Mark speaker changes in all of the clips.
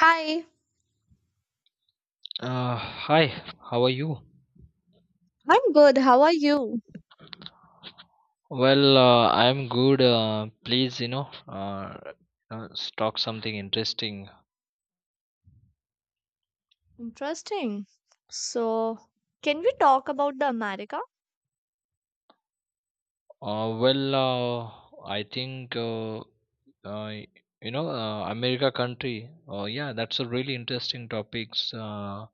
Speaker 1: Hi,
Speaker 2: Hi, how are you?
Speaker 1: I'm good. How are you?
Speaker 2: I'm good. Please, talk something interesting.
Speaker 1: Interesting. So, can we talk about the America?
Speaker 2: Uh, well, uh, I think, uh, America country. Yeah, that's a really interesting topics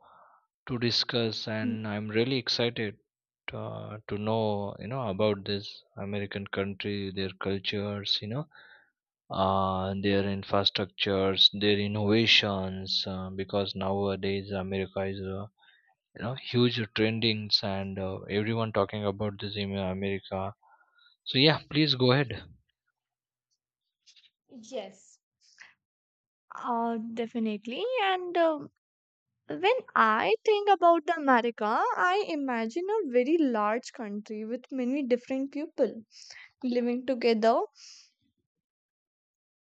Speaker 2: to discuss,
Speaker 1: Mm,
Speaker 2: and I'm really excited to know, you know, about this American country, their cultures, you know, their infrastructures, their innovations, because nowadays America is you know, huge trendings, and everyone talking about this in America. So yeah, please go ahead.
Speaker 1: yes. Definitely. And when I think about the America, I imagine a very large country with many different people living together.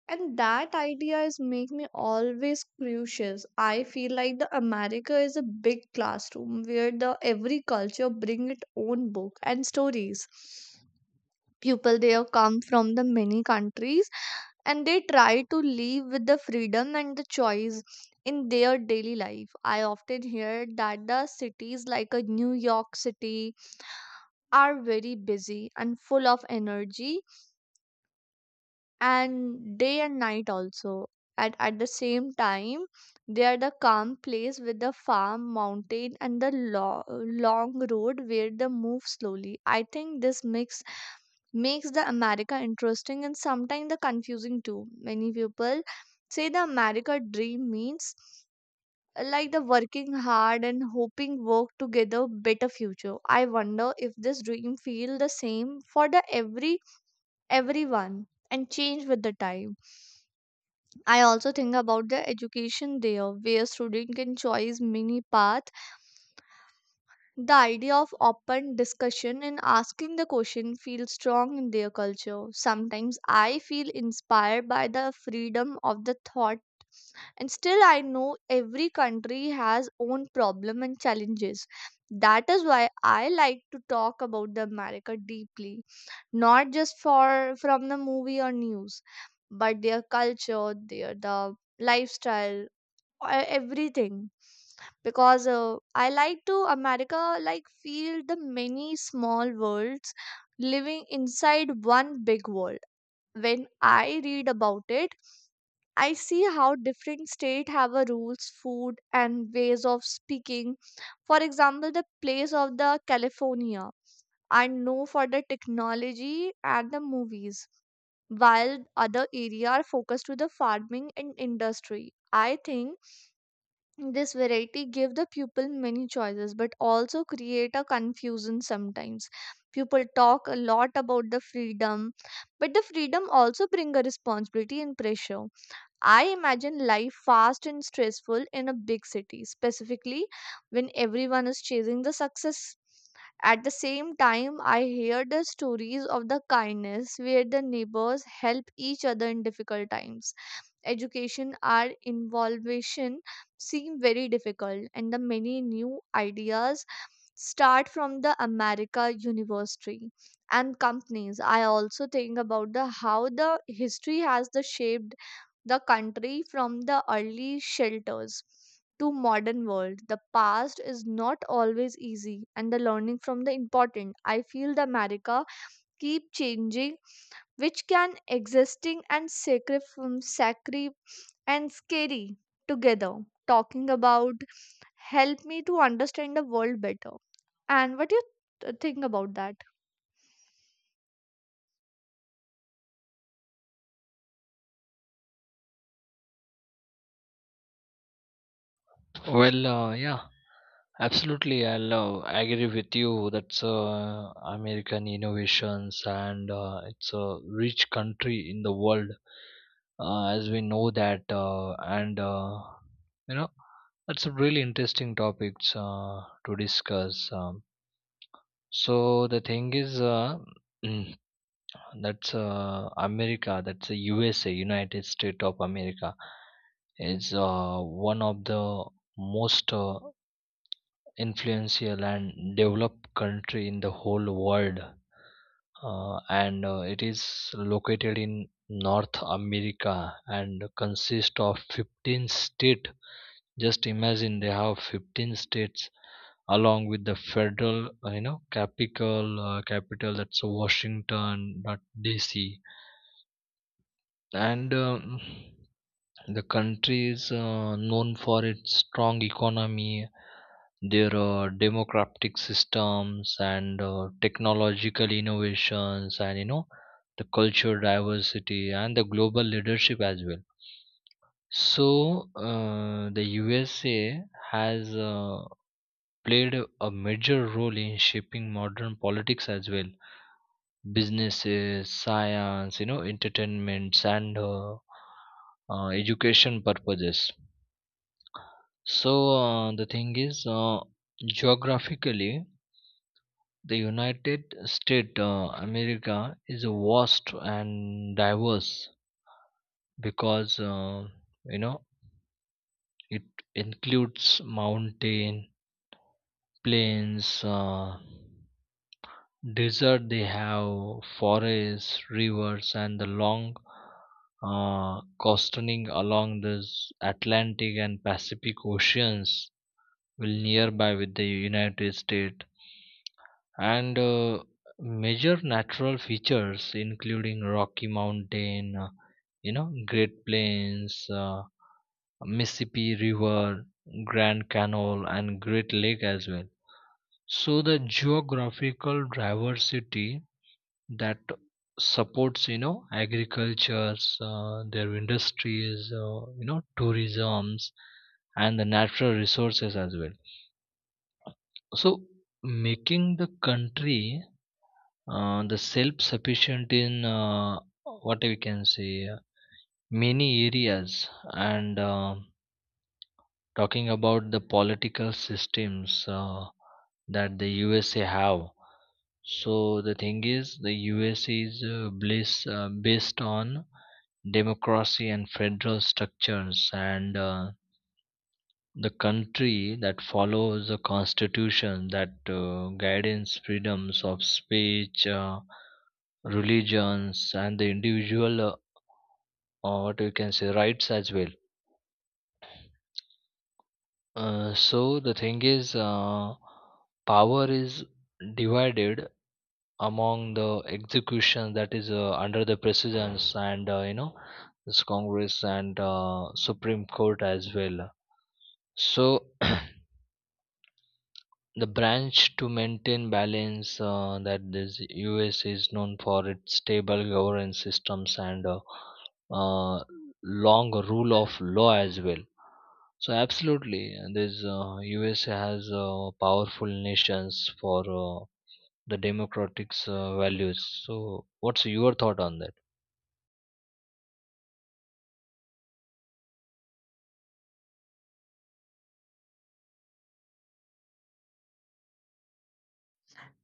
Speaker 1: And that idea is make me always curious. I feel like the America is a big classroom where the every culture bring its own book and stories. People there come from the many countries and they try to live with the freedom and the choice in their daily life. I often hear that the cities like a New York City are very busy and full of energy and day and night also. At the same time they are the calm place with the farm mountain and the long road where they move slowly. I think this mix makes the America interesting and sometimes the confusing too. Many people say the America dream means like the working hard and hoping work together better future. I wonder if this dream feel the same for the every everyone and change with the time. I also think about the education there where student can choose many paths. The idea of open discussion and asking the question feels strong in their culture. Sometimes I feel inspired by the freedom of the thought and still I know every country has own problem and challenges. That is why I like to talk about the America deeply, not just for from the movie or news, but their culture, their the lifestyle, everything, because I like to America like feel the many small worlds living inside one big world. When I read about it, I see how different states have a rules, food, and ways of speaking. For example, the place of the California I know for the technology and the movies, while other area are focused to the farming and industry. I think this variety give the pupil many choices but also create a confusion sometimes. People talk a lot about the freedom, but the freedom also bring a responsibility and pressure. I imagine life fast and stressful in a big city, specifically when everyone is chasing the success. At the same time, I hear the stories of the kindness where the neighbors help each other in difficult times. Education or involvement seem very difficult, and the many new ideas start from the America University and companies. I also think about the how the history has the shaped the country from the early shelters to modern world. The past is not always easy and the learning from the important. I feel the America keep changing, which can existing and sacred from sacri and scary together. Talking about help me to understand the world better, and what do you think about that?
Speaker 2: Yeah, absolutely. I'll agree with you. That's American innovations, and it's a rich country in the world, as we know that. And you know, that's a really interesting topic to discuss. So the thing is, that's America. That's the USA, United States of America, is one of the most influential and developed country in the whole world, and it is located in North America and consists of 15 states. Just imagine they have 15 states along with the federal you know, capital, capital, that's Washington, not DC. And the country is known for its strong economy, their democratic systems, and technological innovations, and you know, the culture diversity and the global leadership as well. So the USA has played a major role in shaping modern politics as well, businesses, science, you know, entertainments, and education purposes. So the thing is, geographically, the United States America is vast and diverse, because you know, it includes mountain, plains, desert. They have forests, rivers, and the long coasting along the Atlantic and Pacific Oceans will nearby with the United States. And major natural features including Rocky Mountain, you know, Great Plains, Mississippi River, Grand Canal, and Great Lake as well. So the geographical diversity that supports, you know, agricultures, their industries, you know, tourisms, and the natural resources as well. So making the country the self-sufficient in what we can say, many areas, and talking about the political systems that the USA have. So the thing is, the USA is bliss, based on democracy and federal structures, and the country that follows a constitution that guides freedoms of speech, religions, and the individual, what you can say, rights as well. So the thing is, power is divided among the execution that is under the presidents, and you know, this Congress and Supreme Court as well. So the branch to maintain balance, that this US is known for its stable governance systems, and uh, long rule of law as well. So absolutely, and this US has powerful nations for the democratic values. So what's your thought on that?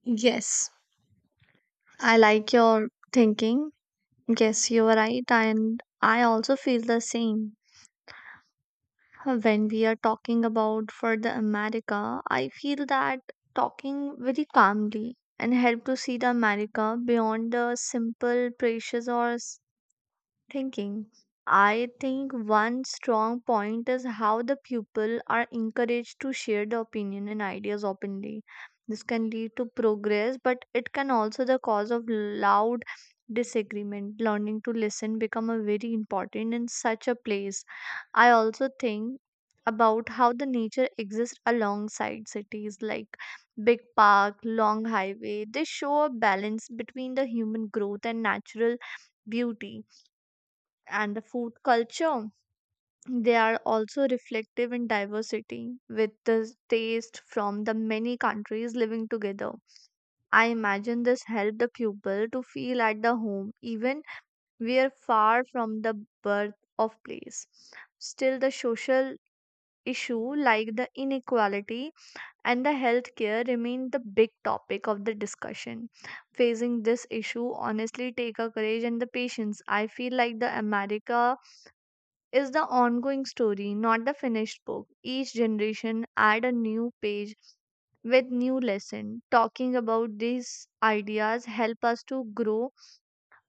Speaker 1: Yes, I like your thinking. Yes, you are right, and I also feel the same. When we are talking about for the America, I feel that talking very calmly and help to see the America beyond the simple precious or thinking. I think one strong point is how the people are encouraged to share the opinion and ideas openly. This can lead to progress, but it can also the cause of loud disagreement. Learning to listen become a very important in such a place. I also think about how the nature exists alongside cities like big park, long highway. They show a balance between the human growth and natural beauty and the food culture. They are also reflective in diversity, with the taste from the many countries living together. I imagine this helped the pupil to feel at the home, even we are far from the birth of place. Still, the social issue like the inequality and the healthcare remain the big topic of the discussion. Facing this issue honestly take a courage and the patience. I feel like the America is the ongoing story, not the finished book. Each generation add a new page with new lesson. Talking about these ideas help us to grow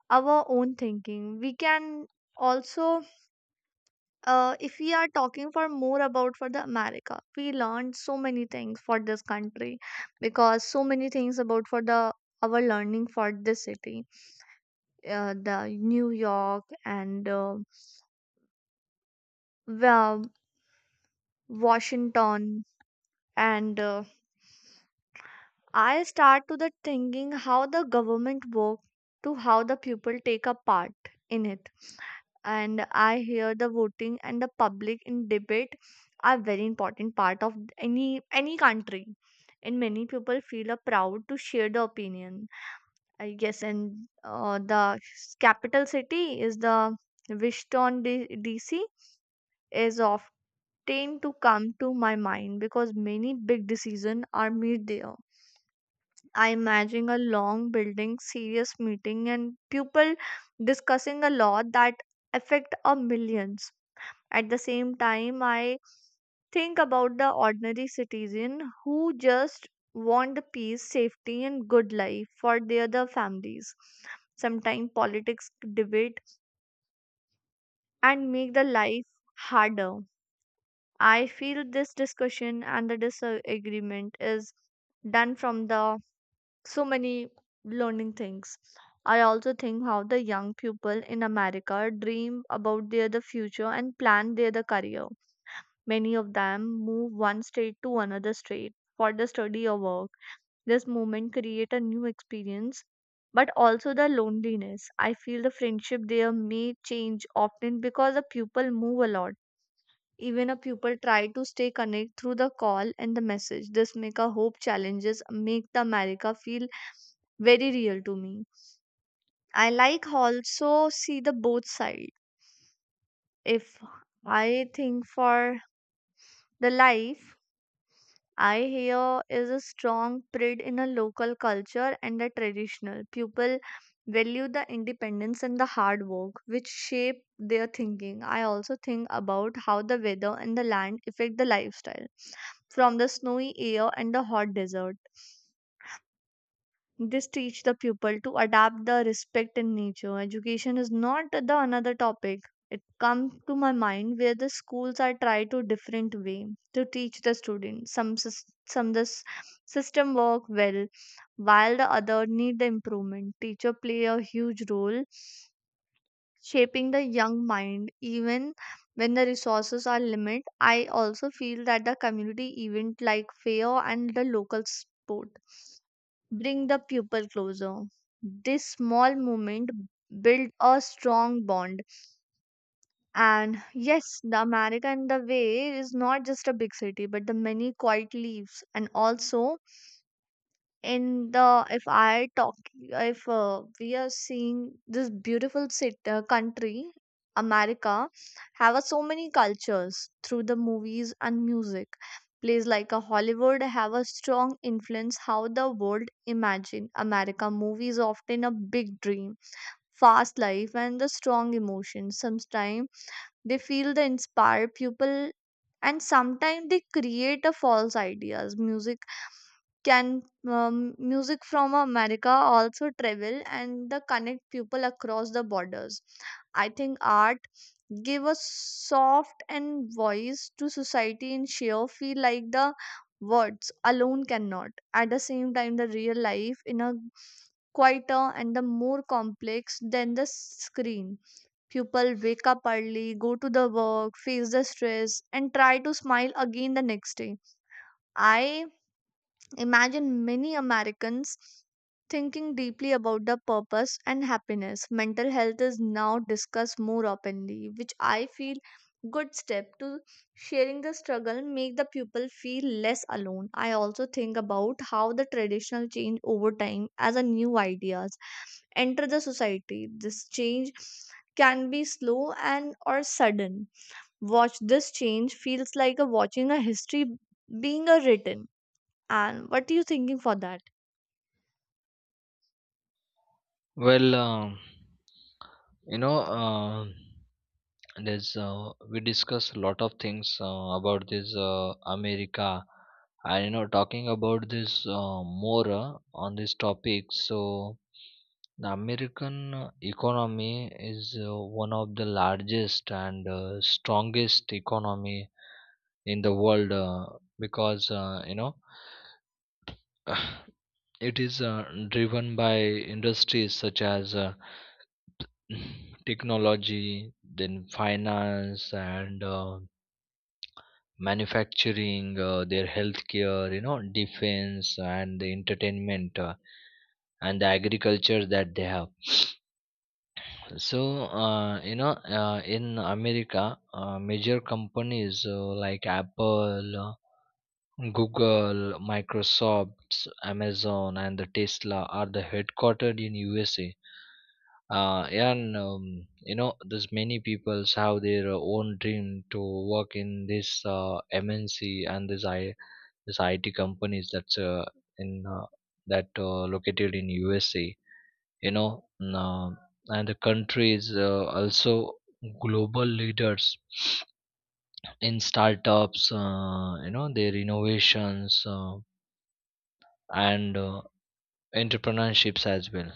Speaker 1: our own thinking. We can also, if we are talking for more about for the America, we learned so many things for this country, because so many things about for the our learning for this city, the New York and Wa- washington, and I start to the thinking how the government work to how the people take a part in it. And I hear the voting and the public in debate are very important part of any country. And many people feel a proud to share the opinion. I guess, and the capital city is the Washington DC is often to come to my mind because many big decisions are made there. I imagine a long building, serious meeting, and people discussing a law that affect a millions. At the same time, I think about the ordinary citizen who just want the peace, safety, and good life for their the families. Sometimes politics debate and make the life harder. I feel this discussion and the disagreement is done from the so many learning things. I also think how the young people in America dream about their the future and plan their the career. Many of them move one state to another state for the study or work. This movement create a new experience, but also the loneliness. I feel the friendship there may change often because the people move a lot, even a pupil try to stay connect through the call and the message. This make a hope challenges make the America feel very real to me. I like also see the both side. If I think for the life, I hear is a strong pride in a local culture and a traditional. People value the independence and the hard work which shape their thinking. I also think about how the weather and the land affect the lifestyle from the snowy air and the hot desert. This teach the pupil to adapt the respect in nature. Education is not the another topic. It comes to my mind where the schools are try to different way to teach the student. Some this system work well, while the other need the improvement. Teacher play a huge role shaping the young mind even when the resources are limited. I also feel that the community event like fair and the local sport bring the pupil closer. This small movement build a strong bond, and yes, the America in the way is not just a big city but the many quiet leaves. And also in the, if I talk if we are seeing this beautiful city, country America, have a so many cultures through the movies and music plays like a Hollywood. Have a strong influence how the world imagine America movies often a big dream, fast life and the strong emotions. Sometimes they feel the inspire people and sometimes they create a false ideas. Music can, music from America also travel and the connect people across the borders? I think art give a soft and voice to society in sheer feel like the words alone cannot. At the same time, the real life in a quieter and the more complex than the screen. People wake up early, go to the work, face the stress, and try to smile again the next day. I imagine many Americans thinking deeply about the purpose and happiness. Mental health is now discussed more openly, which I feel good step to sharing the struggle make the people feel less alone. I also think about how the traditional change over time as a new ideas enter the society. This change can be slow and or sudden. Watch this change feels like a watching a history being a written. And what are you thinking for that?
Speaker 2: Well, you know, and there's we discuss a lot of things about this America, and you know, talking about this more on this topic. So the American economy is one of the largest and strongest economy in the world, because you know, it is driven by industries such as technology, then finance and manufacturing, their healthcare, you know, defense, and the entertainment, and the agriculture that they have. So, you know, in America, major companies like Apple, Google, Microsoft, Amazon, and the Tesla are the headquartered in USA. And you know, there's many people have their own dream to work in this MNC and this IT companies that's in that located in USA. You know, and the country is also global leaders in startups. You know, their innovations and entrepreneurships as well.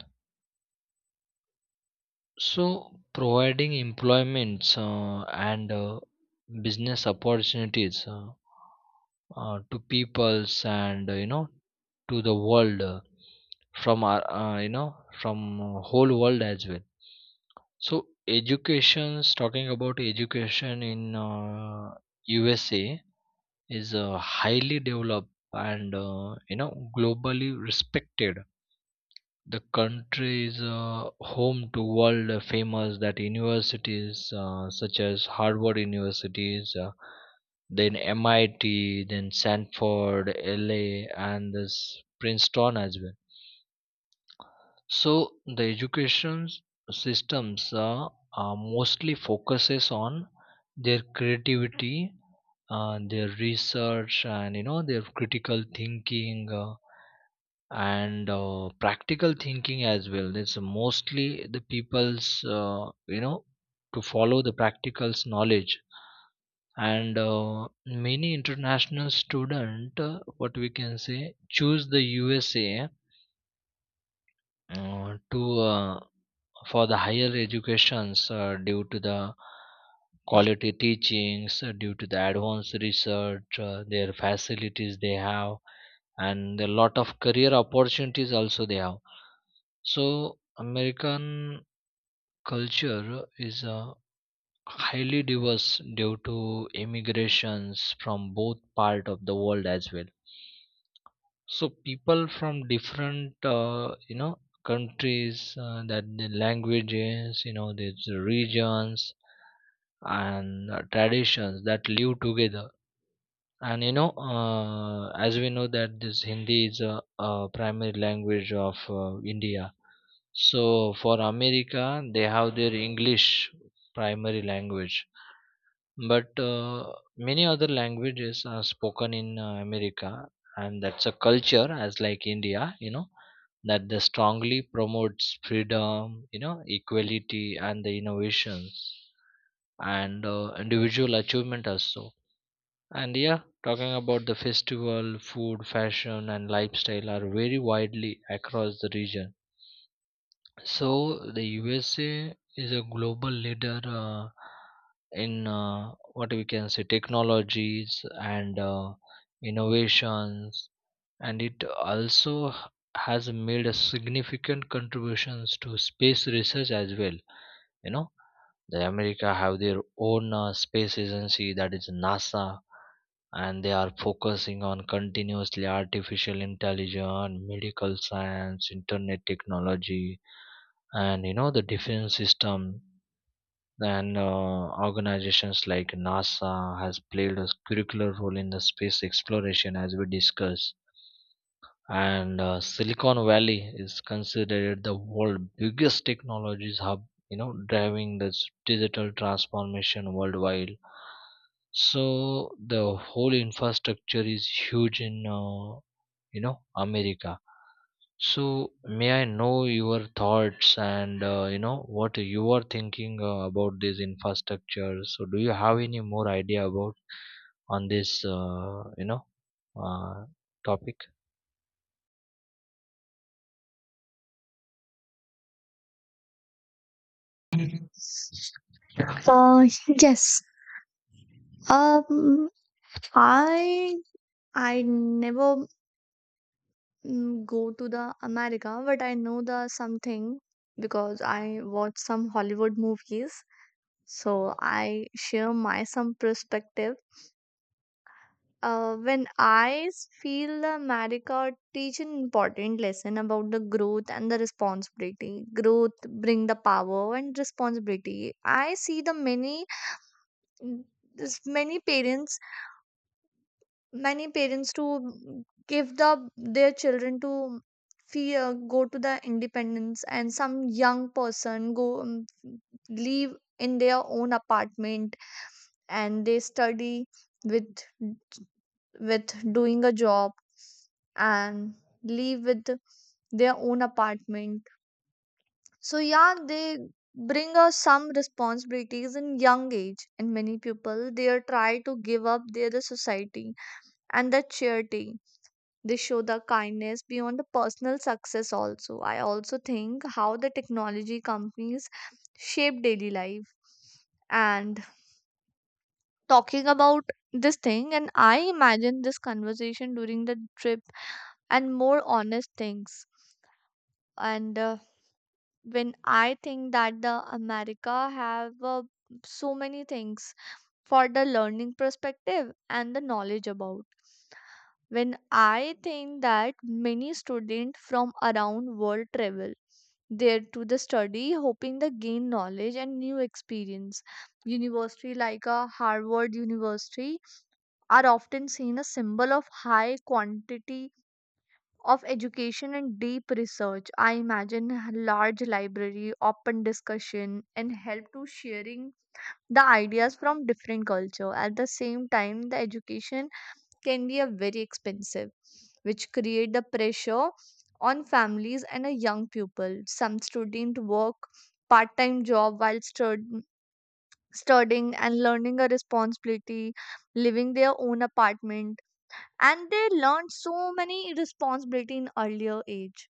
Speaker 2: So, providing employments and business opportunities, to peoples, and you know, to the world, from our you know, from whole world as well. So educations, talking about education in USA is highly developed and you know, globally respected. The country is home to world famous that universities, such as Harvard universities, then MIT, then Sanford, LA, and this Princeton as well. So the education systems mostly focuses on their creativity, their research, and you know, their critical thinking, and practical thinking as well. It's mostly the people's, you know, to follow the practical's knowledge, and many international student, what we can say, choose the USA to for the higher educations, due to the quality teachings, due to the advanced research, their facilities they have, and a lot of career opportunities also they have. So American culture is highly diverse due to immigrations from both part of the world as well. So people from different, you know, countries, that the languages, you know, these regions, and traditions that live together. And you know, as we know that this Hindi is a primary language of India. So for America, they have their English primary language, but many other languages are spoken in America, and that's a culture, as like India, you know, that they strongly promotes freedom, you know, equality, and the innovations, and individual achievement also. And yeah, talking about the festival, food, fashion, and lifestyle are very widely across the region. So the USA is a global leader in what we can say, technologies and innovations, and it also has made a significant contributions to space research as well. You know, the America have their own space agency, that is NASA, and they are focusing on continuously artificial intelligence, medical science, internet technology, and you know, the defense system, and organizations like NASA has played a curricular role in the space exploration, as we discussed. And Silicon Valley is considered the world biggest technologies hub, you know, driving this digital transformation worldwide. So the whole infrastructure is huge in you know, America. So, may I know your thoughts, and you know, what you are thinking about this infrastructure? So, do you have any more idea about on this you know, uh, topic?
Speaker 1: Uh, yes. Um, I I never go to the America, but I know the something because I watch some Hollywood movies. So I share my some perspective. When I feel the America teach an important lesson about the growth and the responsibility. Growth bring the power and responsibility. I see the many Mm, there's many parents to give the their children to fear go to the independence, and some young person go live in their own apartment and they study with with doing a job and live with their own apartment. So yeah, they bring us some responsibilities in young age, and many people they are try to give up their society and the charity. They show the kindness beyond the personal success. Also, I also think how the technology companies shape daily life and talking about this thing, and I imagine this conversation during the trip and more honest things. And when I think that the America have so many things for the learning perspective and the knowledge about. When I think that many students from around world travel there to the study, hoping to gain knowledge and new experience. University like a Harvard University are often seen a symbol of high quantity of education and deep research. I imagine a large library, open discussion and help to sharing the ideas from different culture. At the same time, the education can be a very expensive, which create the pressure on families and a young people. Some student work part-time job while studying and learning a responsibility, living their own apartment, and they learn so many responsibility in earlier age.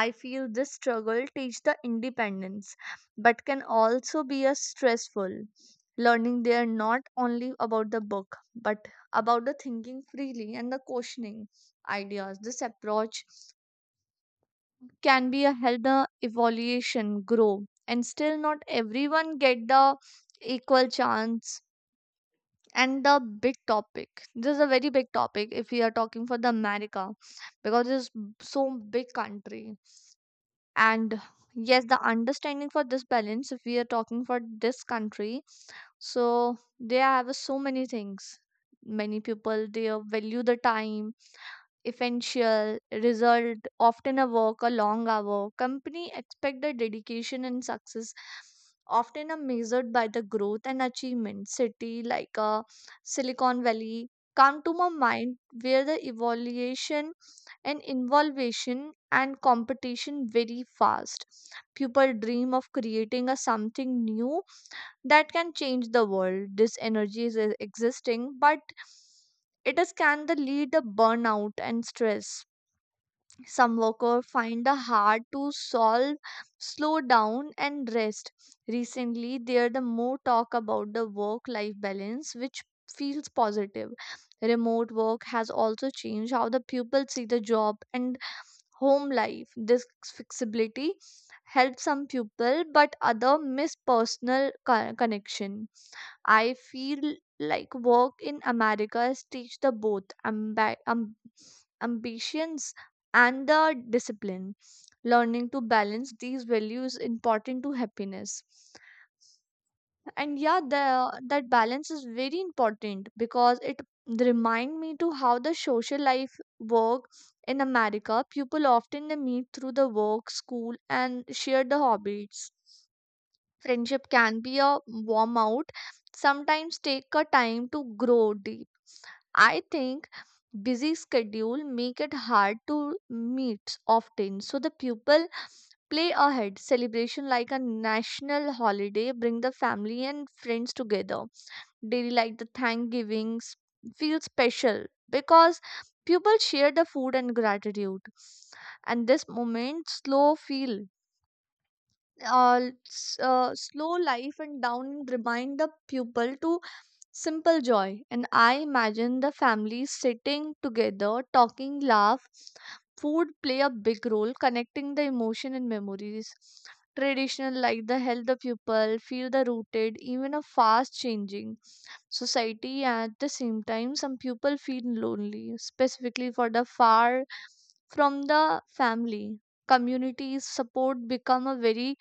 Speaker 1: I feel this struggle teach the independence but can also be a stressful. Learning there not only about the book, but about the thinking freely and the questioning ideas. This approach can be a help the evaluation grow, and still not everyone get the equal chance. And the big topic, this is a very big topic if we are talking for the America, because it's so big country. And yes, the understanding for this balance if we are talking for this country, so they have so many things. Many people they value the time, essential result, often a work a long hour. Company expect the dedication, and success often are measured by the growth and achievement. City like Silicon Valley come to my mind, where the evaluation and involvement and competition very fast. People dream of creating a something new that can change the world. This energy is existing, but it is can the lead the burnout and stress. Some workers find the hard to solve, slow down and rest. Recently, there the more talk about the work-life balance, which feels positive. Remote work has also changed how the people see the job and home life. This flexibility helps some people, but other miss personal connection. I feel like work in America has teach the both ambitions and the discipline. Learning to balance these values important to happiness. And yeah, that balance is very important because it remind me to how the social life work in America. People often they meet through the work, school and share the hobbies. Friendship can be a warm out, sometimes take a time to grow deep. I think busy schedule make it hard to meet often. So the people play ahead celebration like a national holiday, bring the family and friends together. Daily like the Thanksgivings feel special because people share the food and gratitude. And this moment slow feel slow life and down, remind the pupil to simple joy. And I imagine the family sitting together, talking, laugh. Food play a big role connecting the emotion and memories. Traditional like the help the pupil feel the rooted even a fast changing society. At the same time, some people feel lonely, specifically for the far from the family. Communities support become a very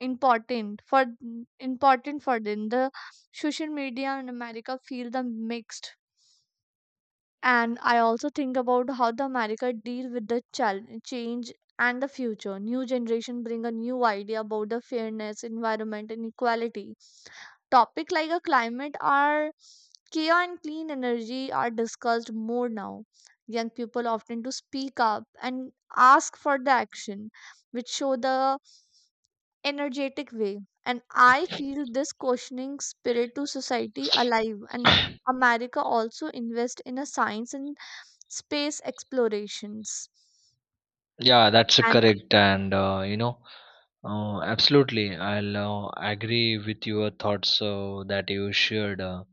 Speaker 1: important for important for them. The social media in America feel the mixed. And I also think about how the America deal with the change and the future. New generation bring a new idea about the fairness, environment and equality. Topic like a climate are care and clean energy are discussed more now. Young people often to speak up and ask for the action, which show the energetic way. And I feel this questioning spirit to society alive. And America also invest in a science and space explorations.
Speaker 2: Yeah, that's
Speaker 1: And
Speaker 2: correct, and you know, absolutely, I'll agree with your thoughts that you shared. Uh,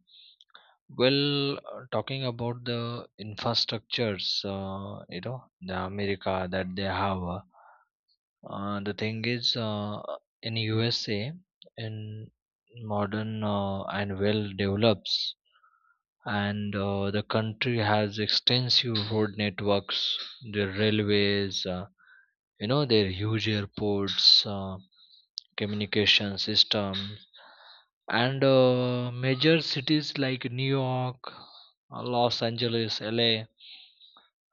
Speaker 2: well, uh, Talking about the infrastructures, you know, the America that they have. The thing is, in USA, in modern and well develops, and the country has extensive road networks, their railways, you know, their huge airports, communication systems, and major cities like New York, Los Angeles, LA,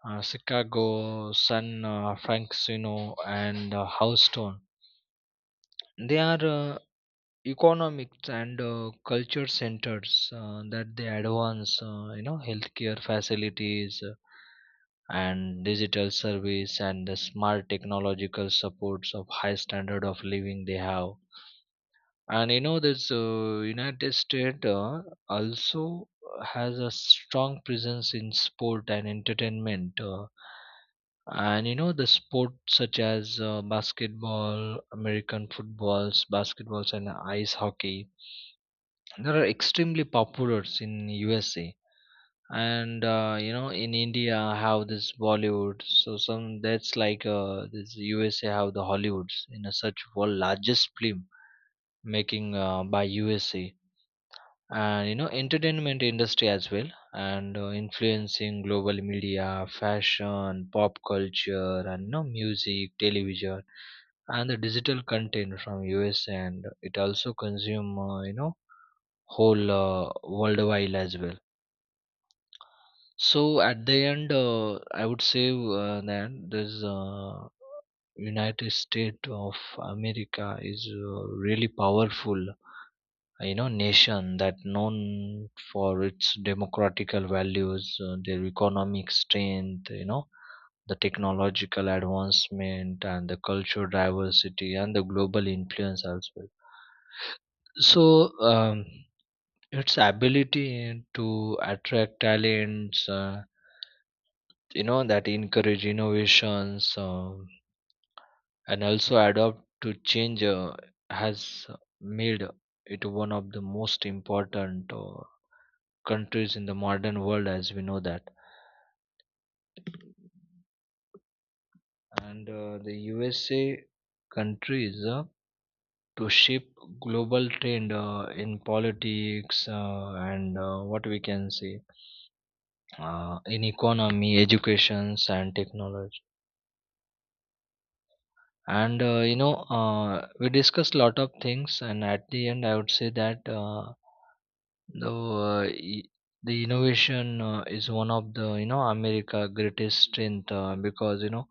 Speaker 2: Chicago, San Francisco, and Houston, they are economics and culture centers, that they advance, you know, healthcare facilities, and digital service and the smart technological supports of high standard of living they have. And you know, this United States also has a strong presence in sport and entertainment. And you know, the sports such as basketball, American footballs, basketballs, and ice hockey, they are extremely popular in USA. And you know, in India have this Bollywood, so some that's like this USA have the Hollywoods in a such world largest film making by USA, and you know, entertainment industry as well, and influencing global media, fashion, pop culture, and you know, music, television, and the digital content from US, and it also consume, you know, whole worldwide as well. So at the end, I would say that this United States of America is really powerful, you know, nation that known for its democratical values, their economic strength, you know, the technological advancement and the cultural diversity and the global influence as well. So um, its ability to attract talents, you know, that encourage innovations, and also adopt to change, has made it one of the most important countries in the modern world, as we know that. And the USA countries to shape global trend in politics, and what we can say, in economy, educations, and technology. And you know, we discussed lot of things, and at the end I would say that, though the innovation is one of the, you know, America greatest strength, because you know,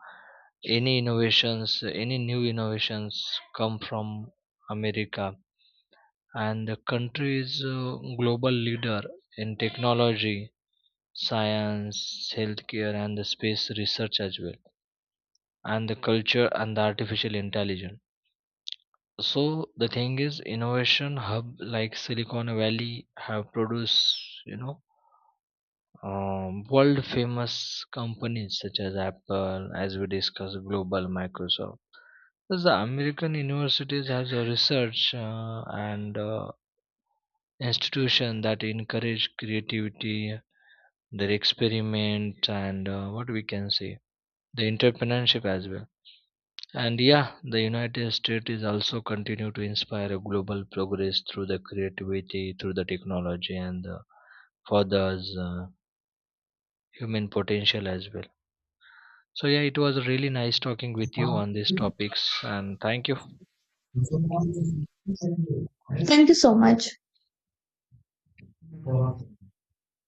Speaker 2: any innovations, any new innovations come from America, and the country is a global leader in technology, science, healthcare, and the space research as well, and the culture and the artificial intelligence. So the thing is, innovation hub like Silicon Valley have produced, you know, um, world famous companies such as Apple, as we discussed, Global, Microsoft. Because the American universities has a research and institution that encourage creativity, their experiment, and what we can say, the entrepreneurship as well. And yeah, the United States is also continue to inspire a global progress through the creativity, through the technology, and the, for the human potential as well. So yeah, it was really nice talking with you on these topics, and thank you
Speaker 1: thank you so much.